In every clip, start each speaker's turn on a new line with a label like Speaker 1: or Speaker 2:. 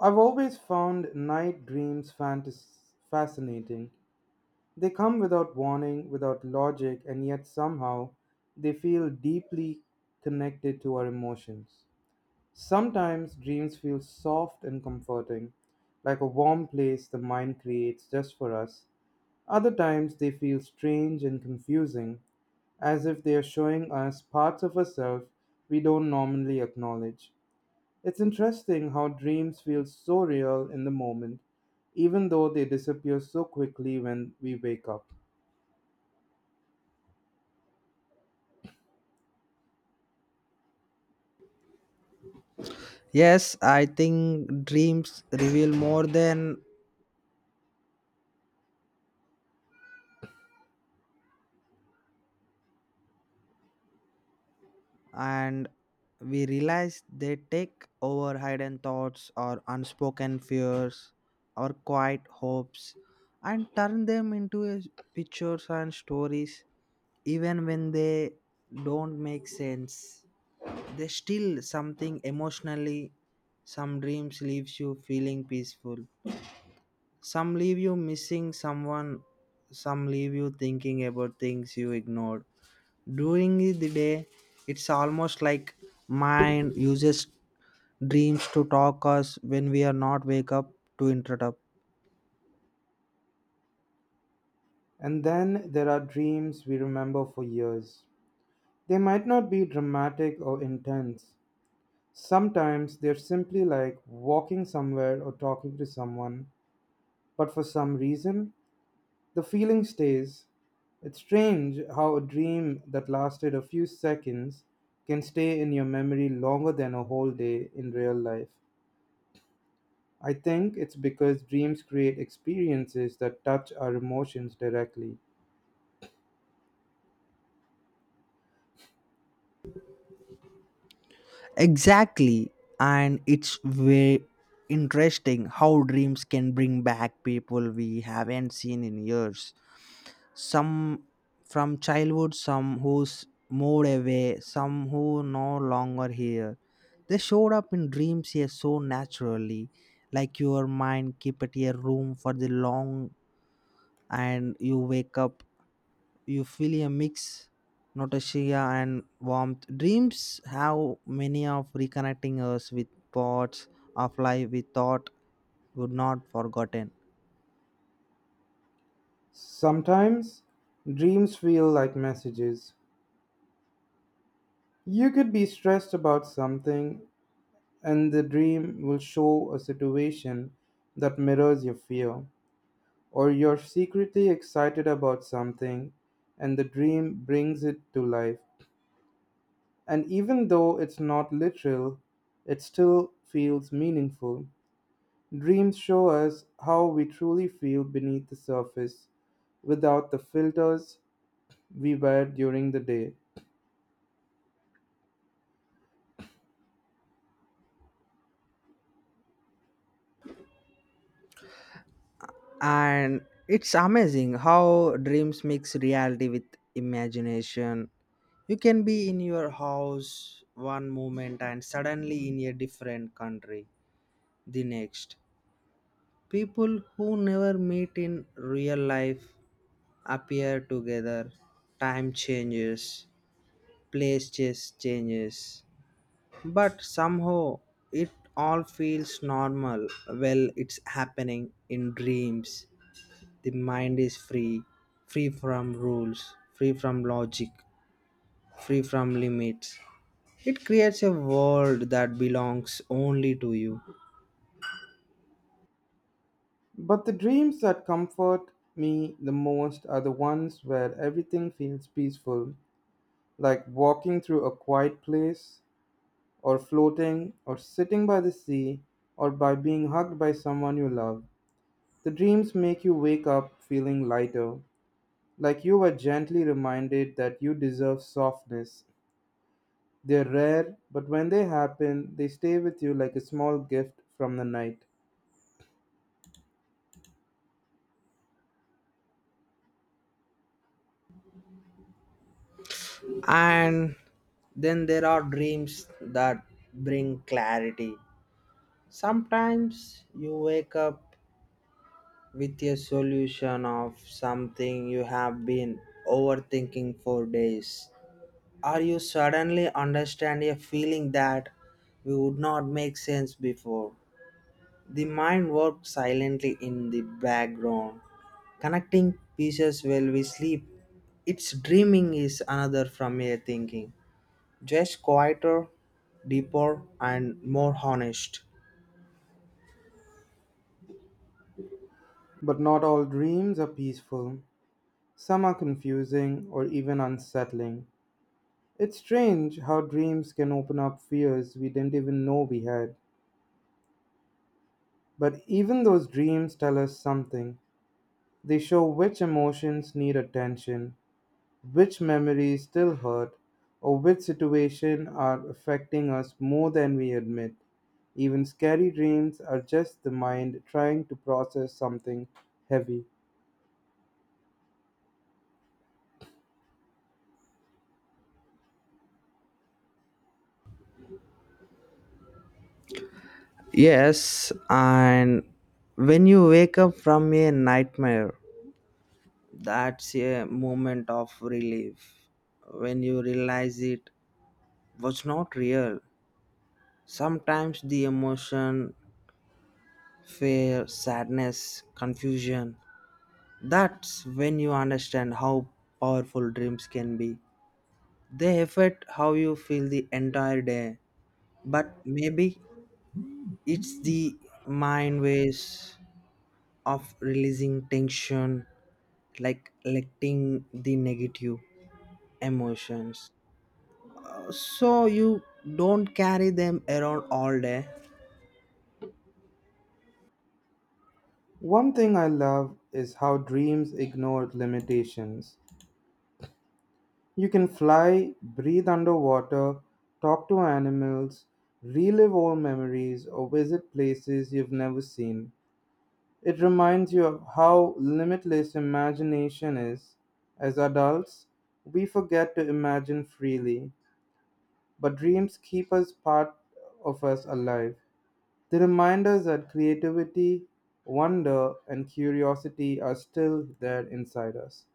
Speaker 1: I've always found night dreams fascinating. They come without warning, without logic, and yet somehow they feel deeply connected to our emotions. Sometimes dreams feel soft and comforting, like a warm place the mind creates just for us. Other times they feel strange and confusing, as if they are showing us parts of ourselves we don't normally acknowledge. It's interesting how dreams feel so real in the moment, even though they disappear so quickly when we wake up.
Speaker 2: Yes, I think dreams reveal more than and we realize. They take over hidden thoughts or unspoken fears or quiet hopes and turn them into pictures and stories, even when they don't make sense. They still something emotionally. Some dreams leaves you feeling peaceful. Some leave you missing someone, some leave you thinking about things you ignored. During the day, it's almost like mind uses dreams to talk us when we are not wake up to interrupt.
Speaker 1: And then there are dreams we remember for years. They might not be dramatic or intense. Sometimes they're simply like walking somewhere or talking to someone, but for some reason, the feeling stays. It's strange how a dream that lasted a few seconds can stay in your memory longer than a whole day in real life. I think it's because dreams create experiences that touch our emotions directly.
Speaker 2: Exactly. And it's very interesting how dreams can bring back people we haven't seen in years. Some from childhood, some who's moved away, some who no longer here. They showed up in dreams here so naturally, like your mind keep it a room for the long. And you wake up, you feel a mix, nausea and warmth. Dreams have many of reconnecting us with parts of life we thought would not forgotten.
Speaker 1: Sometimes dreams feel like messages. You could be stressed about something, and the dream will show a situation that mirrors your fear. Or you're secretly excited about something, and the dream brings it to life. And even though it's not literal, it still feels meaningful. Dreams show us how we truly feel beneath the surface, without the filters we wear during the day.
Speaker 2: And it's amazing how dreams mix reality with imagination. You can be in your house one moment and suddenly in a different country the next. People who never meet in real life appear together. Time changes, places changes, but somehow it all feels normal. Well, it's happening in dreams. The mind is free, free from rules, free from logic, free from limits. It creates a world that belongs only to you.
Speaker 1: But the dreams that comfort me the most are the ones where everything feels peaceful, like walking through a quiet place, or floating, or sitting by the sea, or by being hugged by someone you love. The dreams make you wake up feeling lighter, like you were gently reminded that you deserve softness. They're rare, but when they happen, they stay with you like a small gift from the night.
Speaker 2: And then there are dreams that bring clarity. Sometimes you wake up with a solution of something you have been overthinking for days. Or you suddenly understand a feeling that we would not make sense before. The mind works silently in the background, connecting pieces while we sleep. Its dreaming is another from your thinking, just quieter, deeper, and more honest.
Speaker 1: But not all dreams are peaceful. Some are confusing or even unsettling. It's strange how dreams can open up fears we didn't even know we had. But even those dreams tell us something. They show which emotions need attention, which memories still hurt, or which situation are affecting us more than we admit. Even scary dreams are just the mind trying to process something heavy.
Speaker 2: Yes, and when you wake up from a nightmare, that's a moment of relief. When you realize it was not real, sometimes the emotion, fear, sadness, confusion. That's when you understand how powerful dreams can be. They affect how you feel the entire day, but maybe it's the mind ways of releasing tension, like letting the negative emotions. So you don't carry them around all day.
Speaker 1: One thing I love is how dreams ignore limitations. You can fly, breathe underwater, talk to animals, relive old memories, or visit places you've never seen. It reminds you of how limitless imagination is. As adults, we forget to imagine freely, but dreams keep us part of us alive. They remind us that creativity, wonder, and curiosity are still there inside us.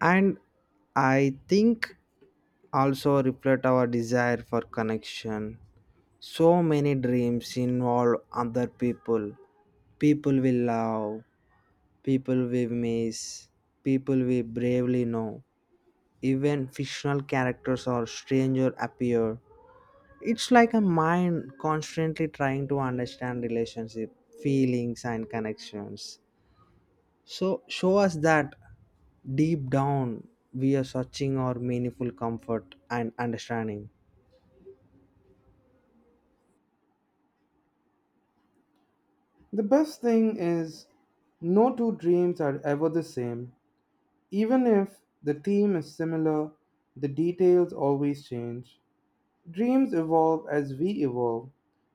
Speaker 2: And I think also reflect our desire for connection. So many dreams involve other people, people we love, people we miss, people we bravely know. Even fictional characters or strangers appear. It's like a mind constantly trying to understand relationship, feelings and connections. So show us that deep down we are searching our meaningful comfort and understanding.
Speaker 1: The best thing is, no two dreams are ever the same. Even if the theme is similar, the details always change. Dreams evolve.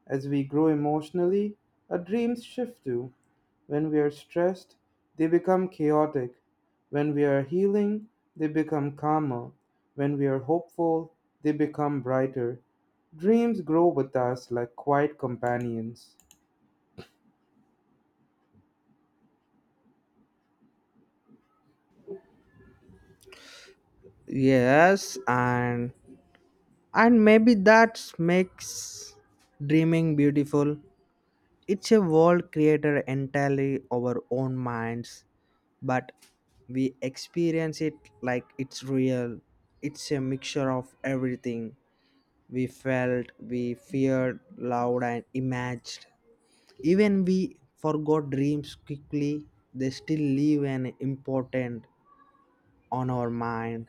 Speaker 1: As we grow emotionally, our dreams shift too. When we are stressed, they become chaotic. When we are healing, they become calmer. When we are hopeful, they become brighter. Dreams grow with us like quiet companions.
Speaker 2: Yes, and maybe that makes dreaming beautiful. It's a world created entirely our own minds, but we experience it like it's real. It's a mixture of everything we felt, we feared, loved and imagined. Even we forgot dreams quickly, they still leave an important on our mind,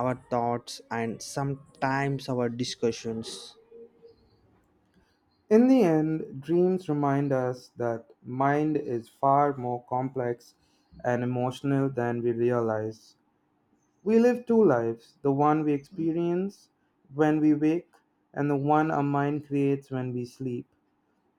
Speaker 2: our thoughts, and sometimes our discussions.
Speaker 1: In the end, dreams remind us that mind is far more complex and emotional than we realize. We live two lives, the one we experience when we wake, and the one our mind creates when we sleep.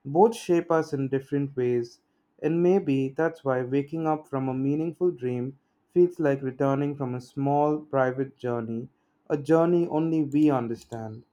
Speaker 1: Both shape us in different ways, and maybe that's why waking up from a meaningful dream feels like returning from a small private journey, a journey only we understand.